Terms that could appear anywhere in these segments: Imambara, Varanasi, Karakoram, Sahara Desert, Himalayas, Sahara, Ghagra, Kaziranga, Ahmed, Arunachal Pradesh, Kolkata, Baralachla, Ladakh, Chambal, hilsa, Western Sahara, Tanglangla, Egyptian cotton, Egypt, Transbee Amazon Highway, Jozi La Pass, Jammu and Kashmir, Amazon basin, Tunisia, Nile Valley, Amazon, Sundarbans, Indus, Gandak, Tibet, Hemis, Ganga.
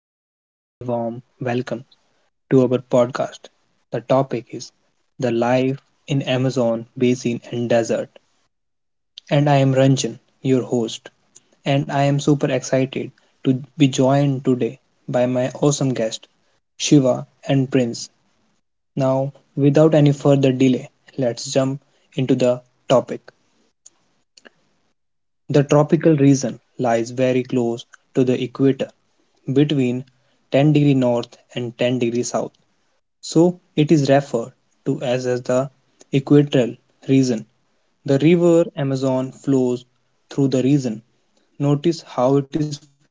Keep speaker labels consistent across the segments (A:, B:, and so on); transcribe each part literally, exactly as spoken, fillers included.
A: and a very warm welcome to our podcast. The topic is the life in Amazon basin and desert. And I am Ranjan, your host, and I am super excited to be joined today by my awesome guest, Shiva and Prince. Now, without any further delay, let's jump into the topic. The tropical region lies very close to the equator, between ten degree north and ten degree south, so it is referred to as, as the equatorial region. The river Amazon flows through the region. Notice how it is flow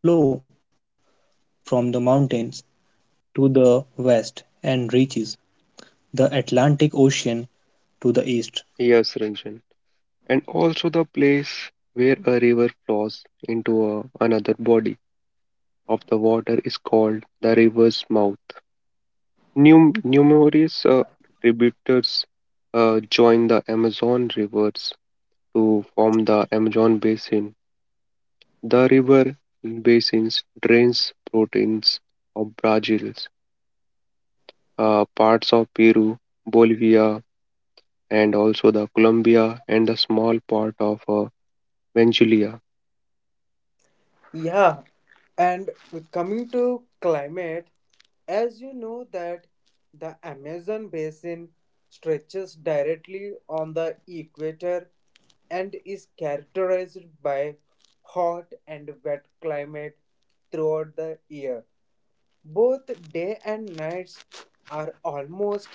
A: from the mountains to the west and reaches the Atlantic Ocean to the east.
B: Yes, Ranjan. And also the place where a river flows into a, another body of the water is called the river's mouth. Num- numerous uh, tributaries uh, join the Amazon rivers to form the Amazon basin. The river basins drains proteins of Brazil, uh, parts of Peru, Bolivia, and also the Colombia and the small part of uh, Venezuela.
C: Yeah, and coming to climate, as you know that the Amazon basin stretches directly on the equator and is characterized by hot and wet climate throughout the year. Both day and nights are almost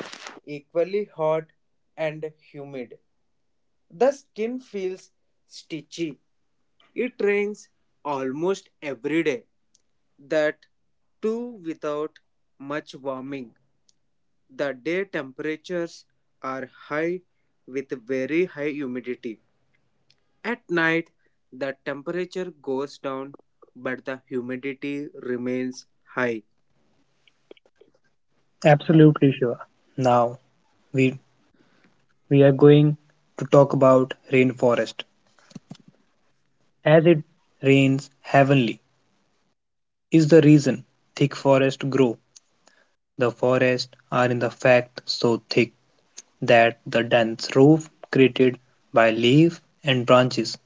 C: equally hot and humid. The skin feels stitchy. It rains almost every day that too without much warming. The day temperatures are high with very high humidity. At night, the temperature goes down but the humidity remains high.
A: Absolutely sure. Now we we are going to talk about rainforest. As it rains heavenly is the reason thick forests grow. The forests are in the fact so thick that the dense roof created by leaves and branches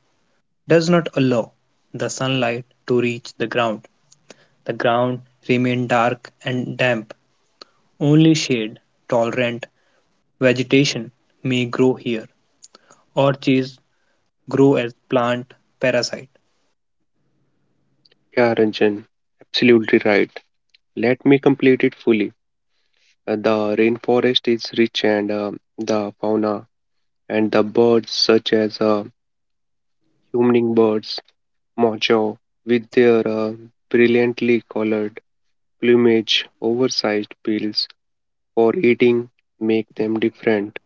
A: does not allow the sunlight to reach the ground. The ground remains dark and damp. Only shade tolerant vegetation may grow here. Orchids grow as plant parasite.
B: Yeah, Ranjan, absolutely right. Let me complete it fully. Uh, The rainforest is rich and uh, the fauna and the birds such as uh, hummingbirds, mojo, with their uh, brilliantly colored plumage, oversized bills for eating make them different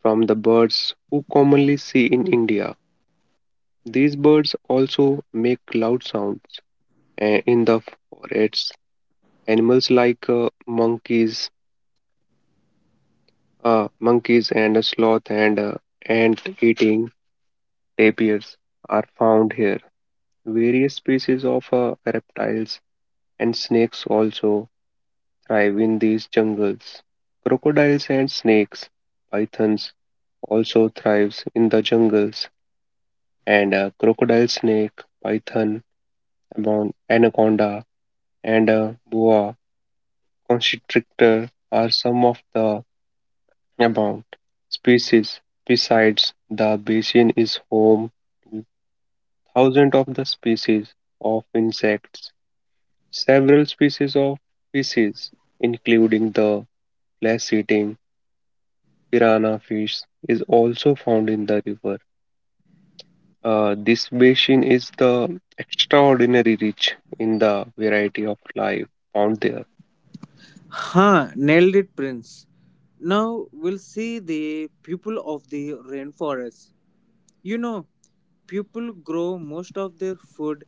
B: from the birds who commonly see in India. These birds also make loud sounds uh, in the forests. Animals like uh, monkeys, Uh, monkeys and sloth and uh, ant-eating tapirs are found here. Various species of uh, reptiles and snakes also thrive in these jungles. Crocodiles and snakes, pythons also thrives in the jungles, and uh, crocodile snake, python, amon- anaconda, and uh, boa constrictor are some of the abundant species. Besides, the basin is home thousands of the species of insects, several species of fishes, including the flesh-eating piranha fish, is also found in the river. Uh, this basin is the extraordinary rich in the variety of life found there.
C: Huh, nailed it, Prince. Now we'll see the people of the rainforest. You know, people grow most of their food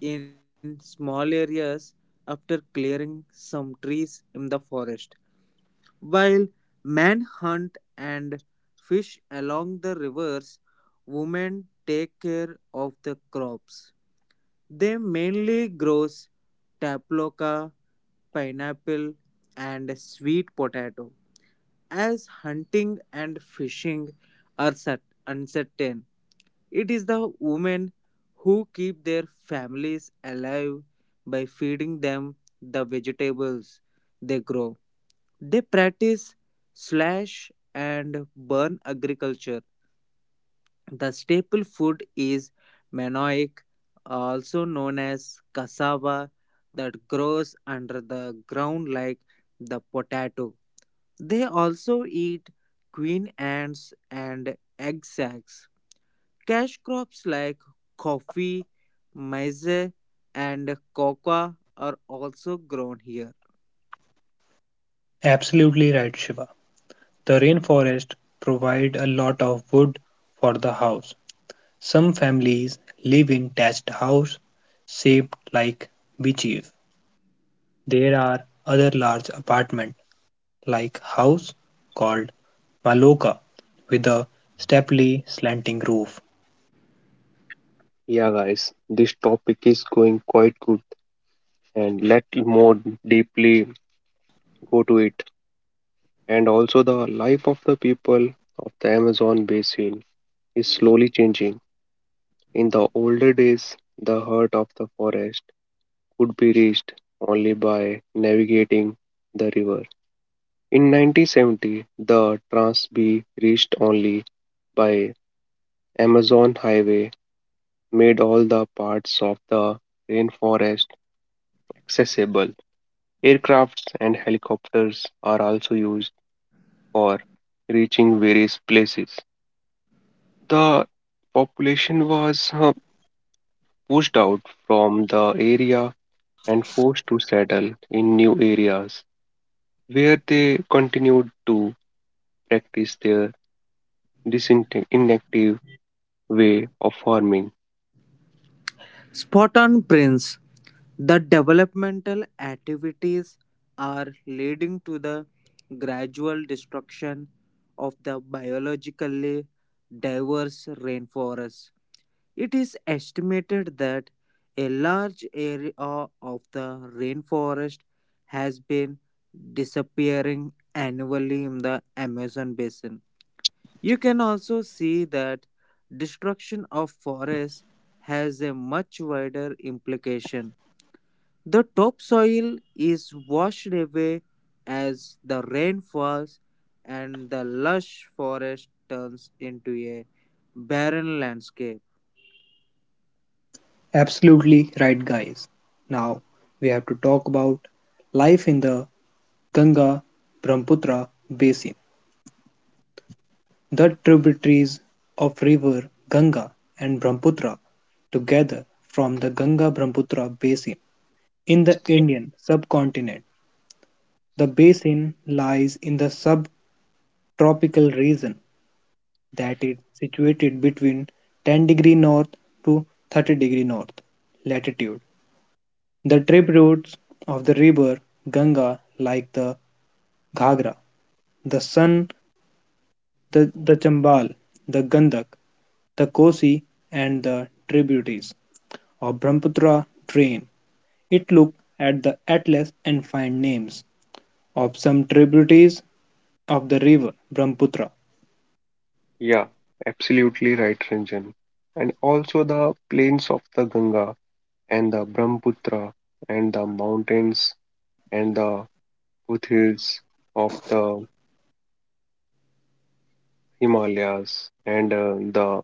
C: in small areas after clearing some trees in the forest. While men hunt and fish along the rivers, women take care of the crops. They mainly grow tapioca, pineapple, and sweet potato. As hunting and fishing are cert- uncertain, it is the women who keep their families alive by feeding them the vegetables they grow. They practice slash and burn agriculture. The staple food is manioc, also known as cassava, that grows under the ground like the potato. They also eat queen ants and egg sacs. Cash crops like coffee, maize, and cocoa are also grown here.
A: Absolutely right, Shiva. The rainforest provides a lot of wood for the house. Some families live in thatched house shaped like beaches. There are other large apartment like house called Maloka with a steeply slanting roof.
B: Yeah, guys, this topic is going quite good, and let more deeply go to it. And also, the life of the people of the Amazon basin is slowly changing. In the older days, the heart of the forest could be reached only by navigating the river. In nineteen seventy, the Transbee reached only by Amazon Highway made all the parts of the rainforest accessible. Aircrafts and helicopters are also used for reaching various places. The population was uh, pushed out from the area and forced to settle in new areas where they continued to practice their disinactive way of farming.
C: Spot on, Prince. The developmental activities are leading to the gradual destruction of the biologically diverse rainforest. It is estimated that a large area of the rainforest has been disappearing annually in the Amazon basin. You can also see that destruction of forests has a much wider implication. The topsoil is washed away as the rain falls, and the lush forest turns into a barren landscape.
A: Absolutely right, guys. Now we have to talk about life in the Ganga Brahmaputra basin. The tributaries of river Ganga and Brahmaputra together from the Ganga Brahmaputra basin. In the Indian subcontinent, the basin lies in the subtropical region that is situated between ten degree north to thirty degree north latitude. The tributaries of the river Ganga like the Ghagra, the Son, the, the Chambal, the Gandak, the Kosi and the tributaries of Brahmaputra drain. It look at the atlas and find names of some tributaries of the river Brahmaputra.
B: Yeah, absolutely right, Ranjan. And also the plains of the Ganga and the Brahmaputra and the mountains and the foothills of the Himalayas and uh, the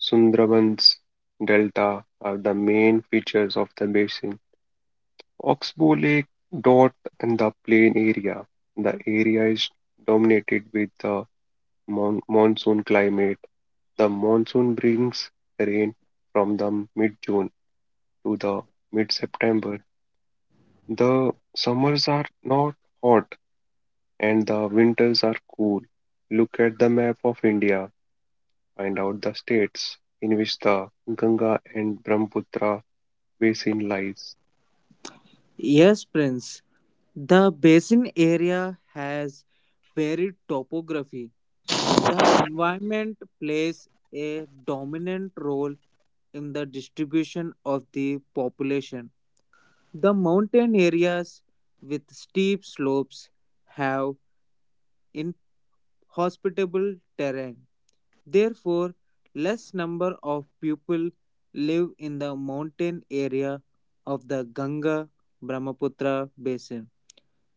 B: Sundarbans Delta are the main features of the basin. Oxbow Lake dot in the plain area. The area is dominated with the mon- monsoon climate. The monsoon brings rain from the mid-June to the mid-September. The summers are not hot and the winters are cool. Look at the map of India. Find out the states in which the Ganga and Brahmaputra basin lies.
C: Yes, Prince, the basin area has varied topography. The environment plays a dominant role in the distribution of the population. The mountain areas with steep slopes have inhospitable terrain. Therefore, less number of people live in the mountain area of the Ganga Brahmaputra basin.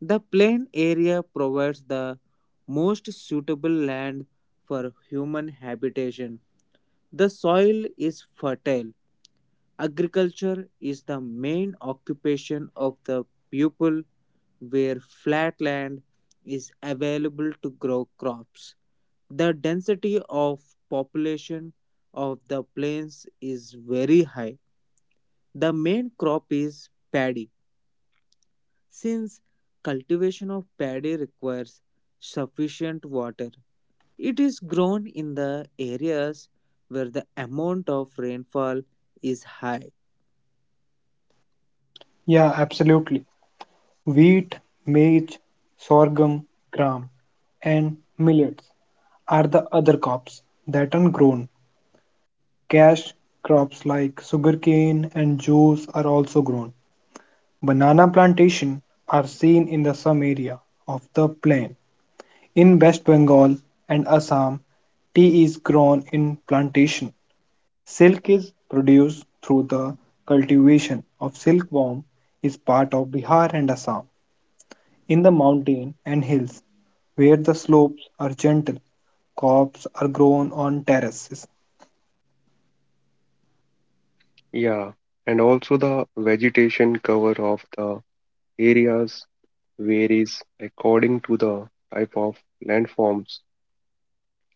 C: The plain area provides the most suitable land for human habitation. The soil is fertile. Agriculture is the main occupation of the people, where flat land is available to grow crops. The density of population of the plains is very high. The main crop is paddy. Since cultivation of paddy requires sufficient water, it is grown in the areas where the amount of rainfall is high.
A: Yeah, absolutely. Wheat, maize, sorghum, gram, and millets are the other crops that are grown. Cash crops like sugarcane and juice are also grown. Banana plantation are seen in the some area of the plain. In West Bengal and Assam, tea is grown in plantation. Silk is produced through the cultivation of silkworm is part of Bihar and Assam. In the mountain and hills where the slopes are gentle, crops are grown on terraces.
B: Yeah, and also the vegetation cover of the areas varies according to the type of landforms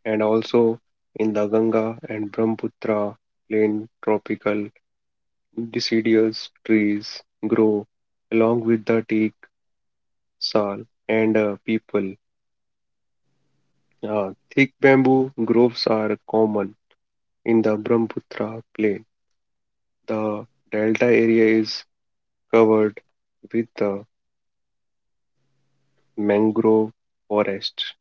B: and also in the Ganga and Brahmaputra plain tropical deciduous trees grow along with the teak, sal and uh, people. Uh, thick bamboo groves are common in the Brahmaputra plain. The delta area is covered with the mangrove forest.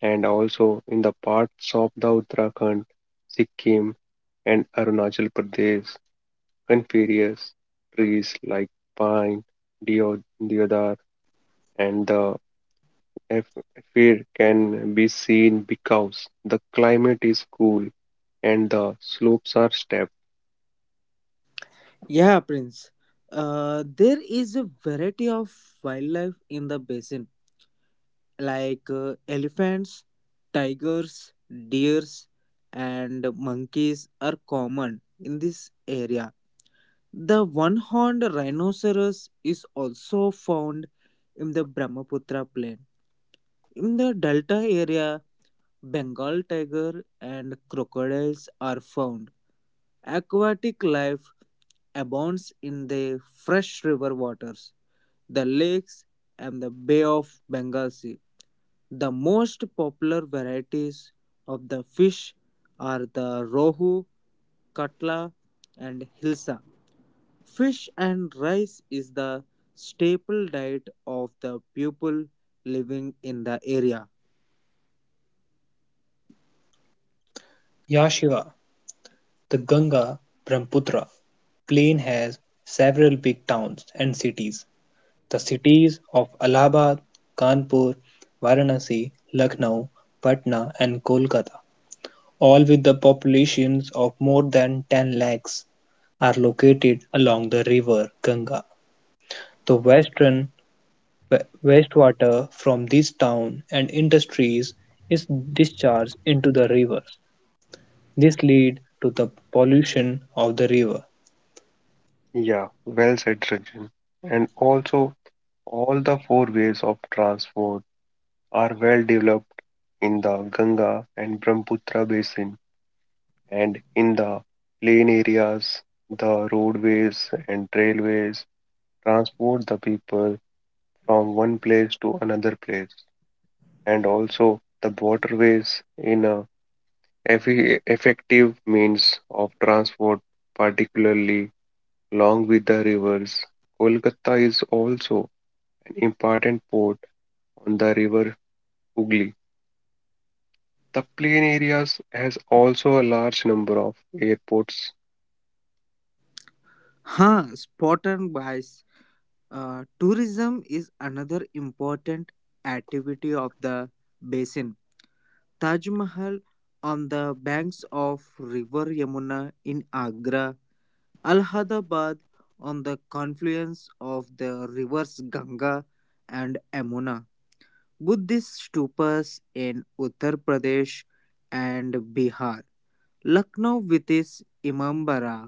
B: And also in the parts of the Uttarakhand, Sikkim, and Arunachal Pradesh coniferous trees like pine, deo- deodar, and the eff- fir can be seen because the climate is cool and the slopes are steep.
C: Yeah, Prince. Uh, there is a variety of wildlife in the basin, like uh, elephants, tigers, deers, and monkeys are common in this area. The one horned rhinoceros is also found in the Brahmaputra plain. In the delta area, Bengal tiger and crocodiles are found. Aquatic life abounds in the fresh river waters, the lakes, and the Bay of Bengal Sea. The most popular varieties of the fish are the rohu, katla, and hilsa. Fish and rice is the staple diet of the people living in the area.
A: Yeah, Shiva, the Ganga Brahmaputra plain has several big towns and cities. The cities of Allahabad, Kanpur, Varanasi, Lucknow, Patna, and Kolkata, all with the populations of more than ten lakhs, are located along the river Ganga. The western wa- wastewater from these towns and industries is discharged into the river. This lead to the pollution of the river.
B: Yeah, well said, Rajan. And also, all the four ways of transport are well developed in the Ganga and Brahmaputra basin. And in the plain areas, the roadways and railways transport the people from one place to another place, and also the waterways in a effi- effective means of transport, particularly along with the rivers. Kolkata is also an important port on the river Hooghly. The plain areas has also a large number of airports.
C: हाँ spot and बाइस. Uh, tourism is another important activity of the basin. Taj Mahal on the banks of River Yamuna in Agra, Allahabad on the confluence of the rivers Ganga and Yamuna, Buddhist stupas in Uttar Pradesh and Bihar, Lucknow with its Imambara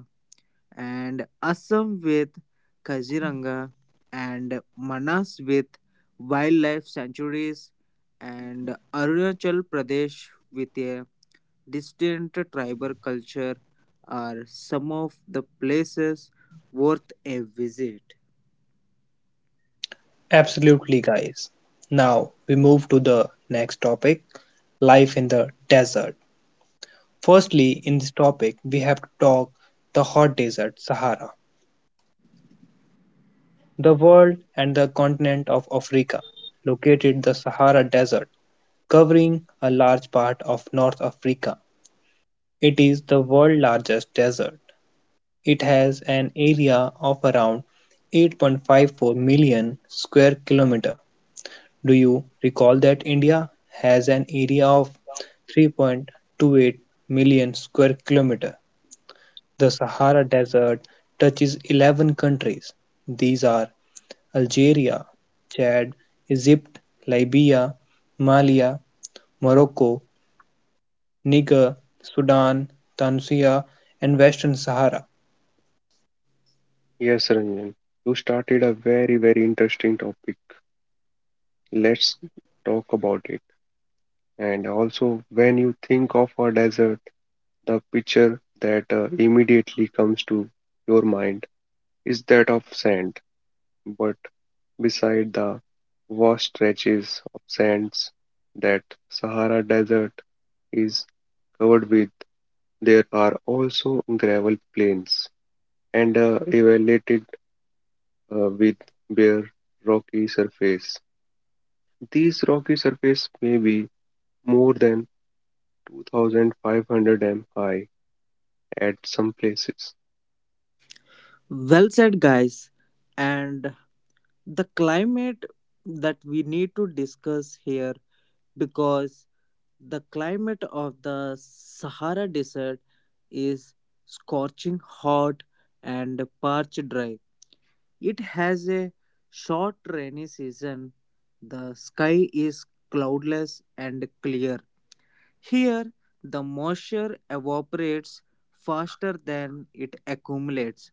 C: and Assam with Kaziranga, and Manas with wildlife sanctuaries, and Arunachal Pradesh with a distinct tribal culture are some of the places worth a visit.
A: Absolutely, guys. Now we move to the next topic, life in the desert. Firstly, in this topic, we have to talk the hot desert, Sahara. The world and the continent of Africa located the Sahara Desert, covering a large part of North Africa. It is the world's largest desert. It has an area of around eight point five four million square kilometer. Do you recall that India has an area of three point two eight million square kilometer? The Sahara Desert touches eleven countries. These are Algeria, Chad, Egypt, Libya, Mali, Morocco, Niger, Sudan, Tunisia, and Western Sahara.
B: Yes, Ranjan, you started a very, very interesting topic. Let's talk about it. And also, when you think of a desert, the picture that uh, immediately comes to your mind is that of sand. But beside the vast stretches of sands that Sahara Desert is covered with, there are also gravel plains and uh, evaluated uh, with bare rocky surface. These rocky surfaces may be more than two thousand five hundred m high at some places.
C: Well said, guys. And the climate that we need to discuss here, because the climate of the Sahara Desert is scorching hot and parched dry. It has a short rainy season. The sky is cloudless and clear. Here, the moisture evaporates faster than it accumulates.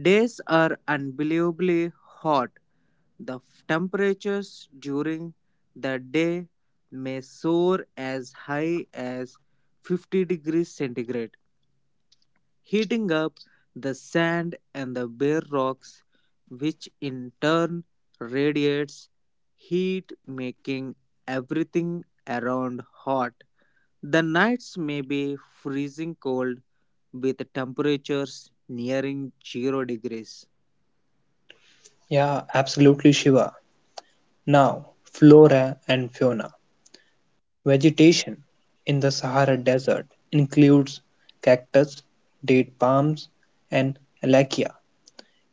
C: Days are unbelievably hot. The f- temperatures during the day may soar as high as fifty degrees centigrade, heating up the sand and the bare rocks, which in turn radiates heat, making everything around hot. The nights may be freezing cold with temperatures nearing zero degrees.
A: Yeah, absolutely, Shiva. Now, flora and fauna. Vegetation in the Sahara Desert includes cactus, date palms, and alekia.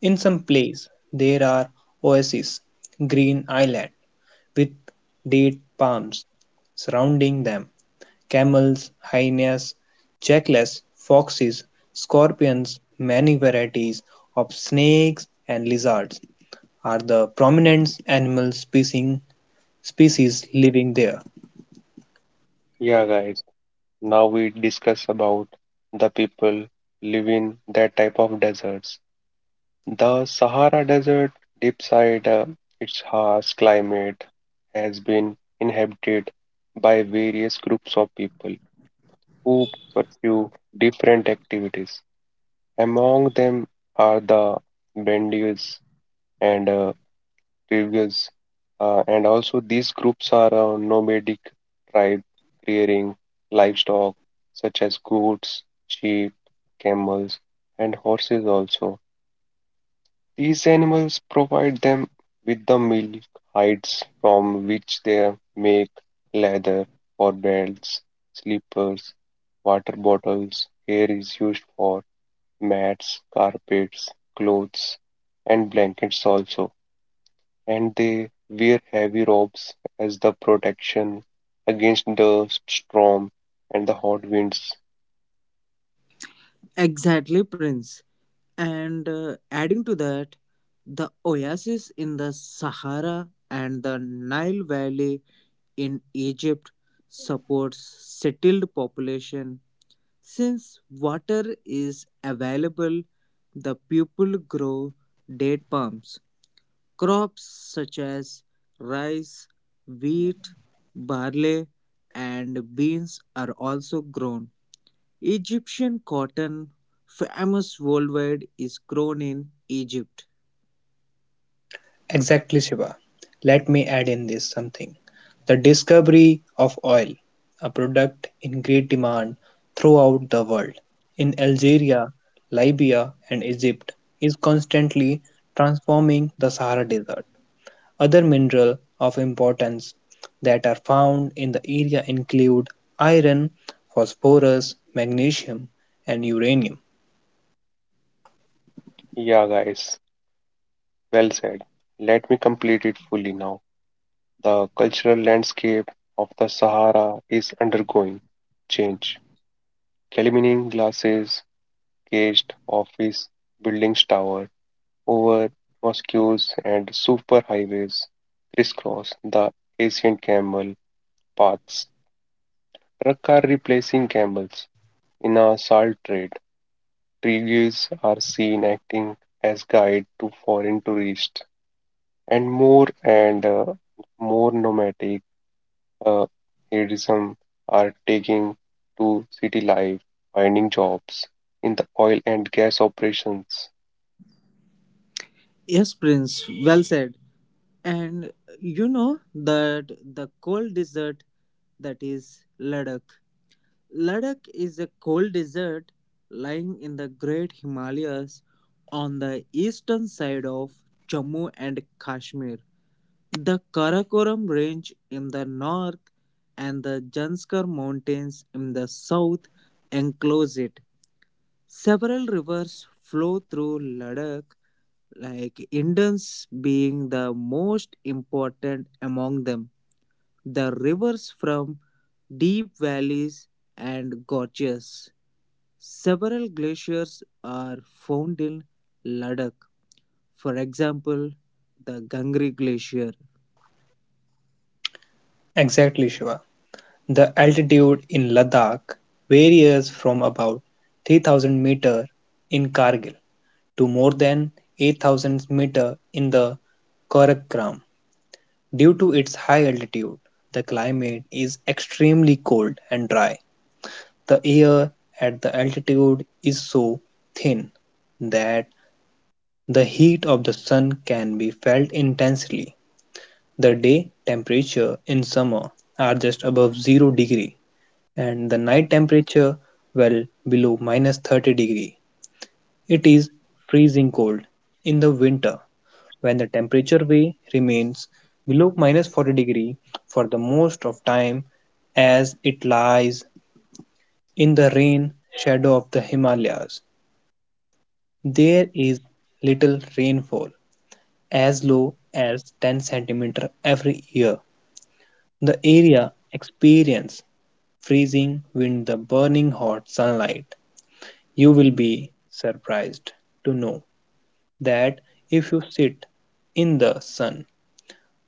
A: In some places, there are oases, green islands with date palms surrounding them. Camels, hyenas, jackals, foxes, scorpions, many varieties of snakes and lizards are the prominent animal species species living there.
B: Yeah, guys. Now we discuss about the people live in that type of deserts. The Sahara Desert, deep side, uh, its harsh climate has been inhabited by various groups of people who pursue different activities. Among them are the Bedouins and uh, tribes, uh, and also these groups are uh, nomadic tribe rearing livestock such as goats, sheep, camels, and horses also. These animals provide them with the milk hides from which they make leather for belts, slippers, water bottles. Hair is used for mats, carpets, clothes, and blankets also, and they wear heavy robes as the protection against the storm and the hot winds.
C: Exactly, Prince. And uh, adding to that, the oasis in the Sahara and the Nile Valley in Egypt supports settled population. Since water is available, the people grow date palms. Crops such as rice, wheat, barley, and beans are also grown. Egyptian cotton, famous worldwide, is grown in Egypt.
A: Exactly, Shiva. Let me add in this something. The discovery of oil, a product in great demand throughout the world, in Algeria, Libya, and Egypt, is constantly transforming the Sahara Desert. Other minerals of importance that are found in the area include iron, phosphorus, magnesium, and uranium.
B: Yeah, guys, well said. Let me complete it fully now. The cultural landscape of the Sahara is undergoing change. Calamine glasses, caged office buildings tower over mosques and superhighways crisscross the ancient camel paths. Trucks are replacing camels. In our salt trade, traders are seen acting as guide to foreign tourists, and more and uh, more nomadic uh, hedonism are taking to city life, finding jobs in the oil and gas operations.
C: Yes, Prince, well said. And you know that the cold desert, that is Ladakh. Ladakh is a cold desert lying in the Great Himalayas on the eastern side of Jammu and Kashmir. The Karakoram Range in the north and the Janskar Mountains in the south enclose it. Several rivers flow through Ladakh, like Indus being the most important among them. The rivers from deep valleys and gorges. Several glaciers are found in Ladakh. For example, the Gangri Glacier.
A: Exactly, Shiva. The altitude in Ladakh varies from about three thousand meter in Kargil to more than eight thousand meter in the Karakoram. Due to its high altitude, the climate is extremely cold and dry. The air at the altitude is so thin that the heat of the sun can be felt intensely. The day temperature in summer are just above zero degree and the night temperature well below minus thirty degree. It is freezing cold in the winter when the temperature way remains below minus forty degree for the most of time as it lies in the rain shadow of the Himalayas. There is little rainfall as low as ten centimeter every year. The area experience freezing wind the burning hot sunlight. You will be surprised to know that if you sit in the sun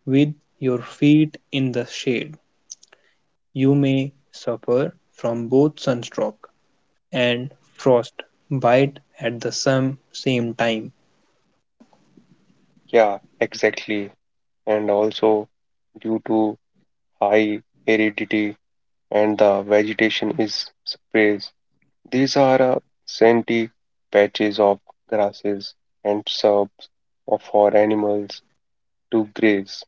A: with your feet in the shade, you may suffer from both sunstroke and frostbite at the same, same time.
B: Yeah, exactly. And also, due to high aridity and the vegetation is sparse, these are uh, scenty patches of grasses and shrubs of- for animals to graze.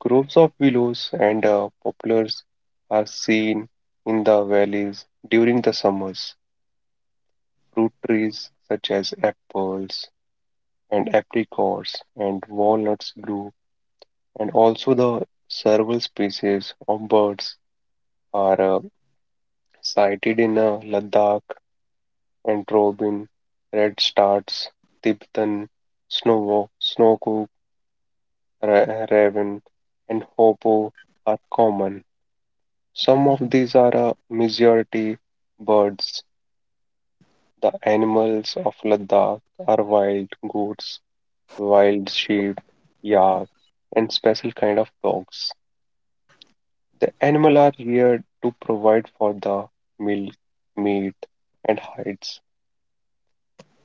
B: Groves of willows and uh, poplars are seen in the valleys during the summers. Fruit trees such as apples and apricots and walnuts grew, and also the several species of birds are uh, sighted in uh, Ladakh and Robin, Redstarts, Tibetan, Snowhawk, Snowcook, Snowcook, Ra- Raven, and Hoopoe are common. Some of these are uh, majority birds. The animals of Ladakh are wild goats, wild sheep, yak, and special kind of dogs. The animals are here to provide for the milk, meat, and hides,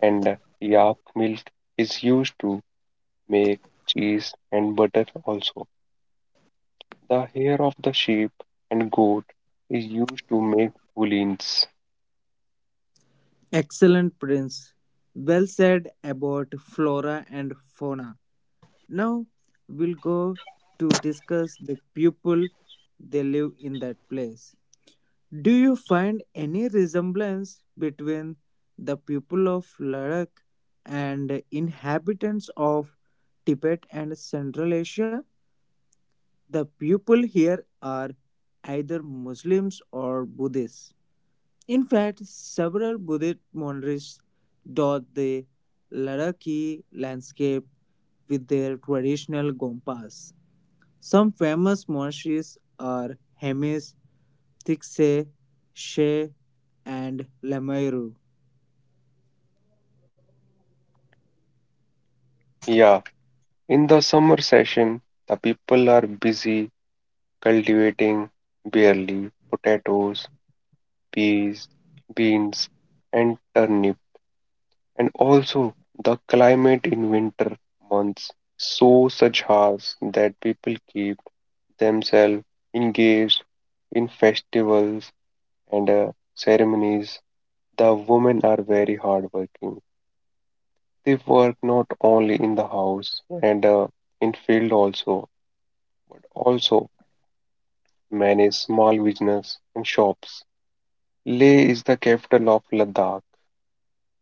B: and yak milk is used to milk, cheese, and butter also. The hair of the sheep and goat is used to make woolens.
C: Excellent, Prince. Well said about flora and fauna. Now we'll go to discuss the people they live in that place. Do you find any resemblance between the people of Ladakh and inhabitants of Tibet and Central Asia? The people here are either Muslims or Buddhists. In fact, several Buddhist monasteries dot the Ladakhi landscape with their traditional gompas. Some famous monasteries are Hemis, Tikse, She, and Lamayeru.
B: Yeah, in the summer session, the people are busy cultivating barley, potatoes, peas, beans, and turnip. And also, the climate in winter months is so such harsh that people keep themselves engaged in festivals and uh, ceremonies. The women are very hardworking. They work not only in the house and uh, in field also, but also manage small business and shops. Leh is the capital of Ladakh.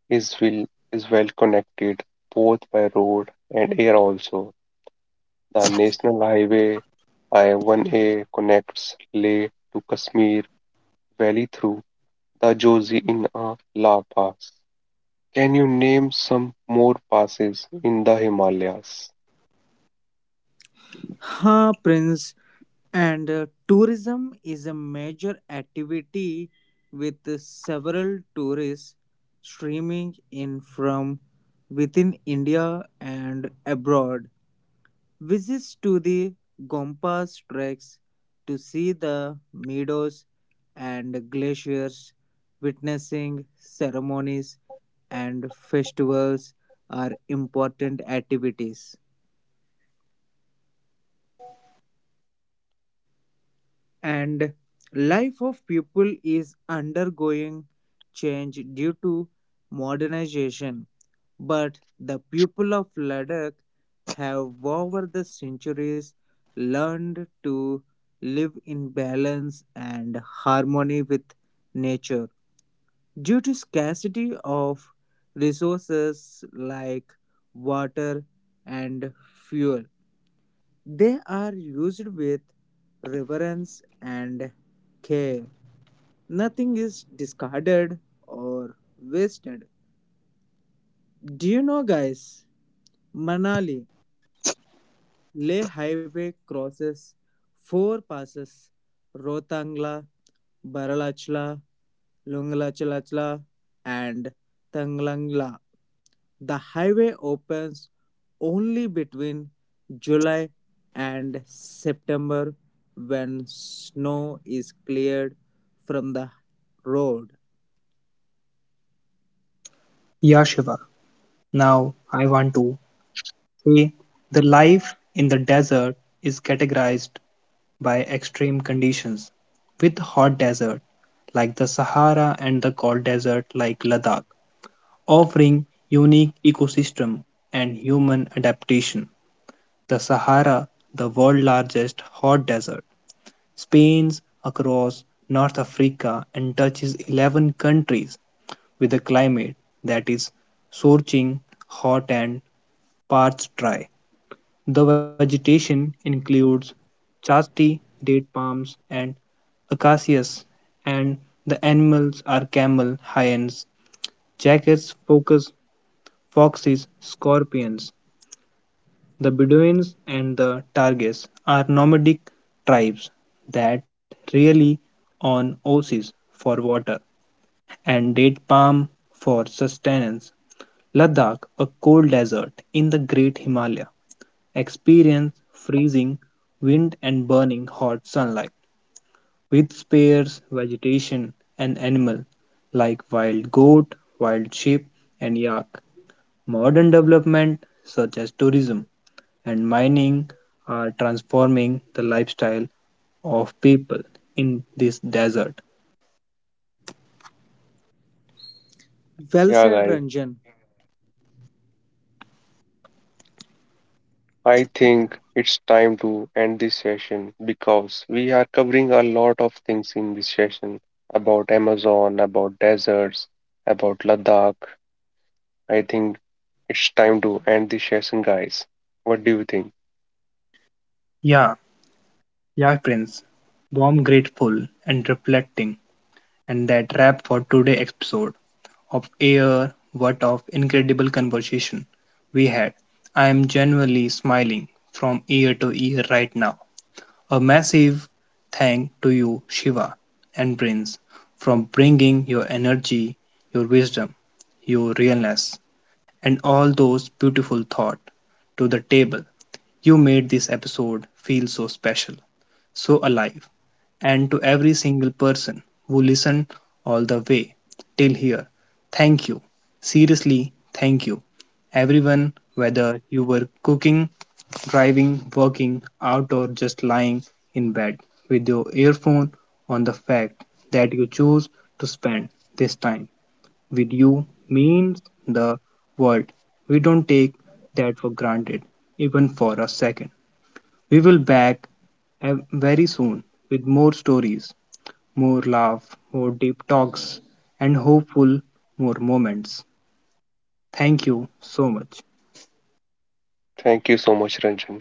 B: is well, is well connected both by road and air also. The National Highway I one A connects Leh to Kashmir Valley through the Jozi in a La Pass. Can you name some more passes in the Himalayas?
C: Ha, Prince. And uh, tourism is a major activity with uh, several tourists streaming in from within India and abroad. Visits to the Gompas, treks to see the meadows and glaciers, witnessing ceremonies and festivals are important activities. And life of people is undergoing change due to modernization, but the people of Ladakh have, over the centuries, learned to live in balance and harmony with nature. Due to scarcity of resources like water and fuel, they are used with reverence and care. Nothing is discarded or wasted. Do you know, guys? Manali Leh Highway crosses four passes: Rotangla, Baralachla, Lungalachalachla, and Tanglangla. The highway opens only between July and September when snow is cleared from the road.
A: Yeah, Shiva. Now I want to say the life in the desert is categorized by extreme conditions, with hot desert like the Sahara and the cold desert like Ladakh, offering unique ecosystem and human adaptation. The Sahara, the world's largest hot desert, spans across North Africa and touches eleven countries with a climate that is scorching hot and parts dry. The vegetation includes chastity, date palms, and acacias, and the animals are camel, hyenas, jackets, foxes, foxes, scorpions. The Bedouins and the Targes are nomadic tribes that rely on oases for water and date palm for sustenance. Ladakh, a cold desert in the Great Himalaya, experiences freezing wind and burning hot sunlight, with sparse vegetation and animals like wild goat, wild sheep, and yak. Modern development such as tourism and mining are transforming the lifestyle of people in this desert.
C: Well
B: Yeah,
C: said,
B: guys,
C: Ranjan.
B: I think it's time to end this session because we are covering a lot of things in this session about Amazon, about deserts, about Ladakh. I think it's time to end this session, guys. What do you think?
A: Yeah, yeah, Prince. Warm, grateful, and reflecting. And that wrap for today's episode of air what of incredible conversation we had. I am genuinely smiling from ear to ear right now. A massive thank to you Shiva and Prince for bringing your energy, your wisdom, your realness and all those beautiful thoughts to the table. You made this episode feel so special, so alive, and to every single person who listened all the way till here, thank you. Seriously, thank you. Everyone, whether you were cooking, driving, working out, or just lying in bed with your earphone on the fact that you chose to spend this time with you means the world. We don't take that for granted, even for a second. We will back very soon with more stories, more laugh, more deep talks, and hopeful more moments. Thank you so much.
B: Thank you so much, Ranjan.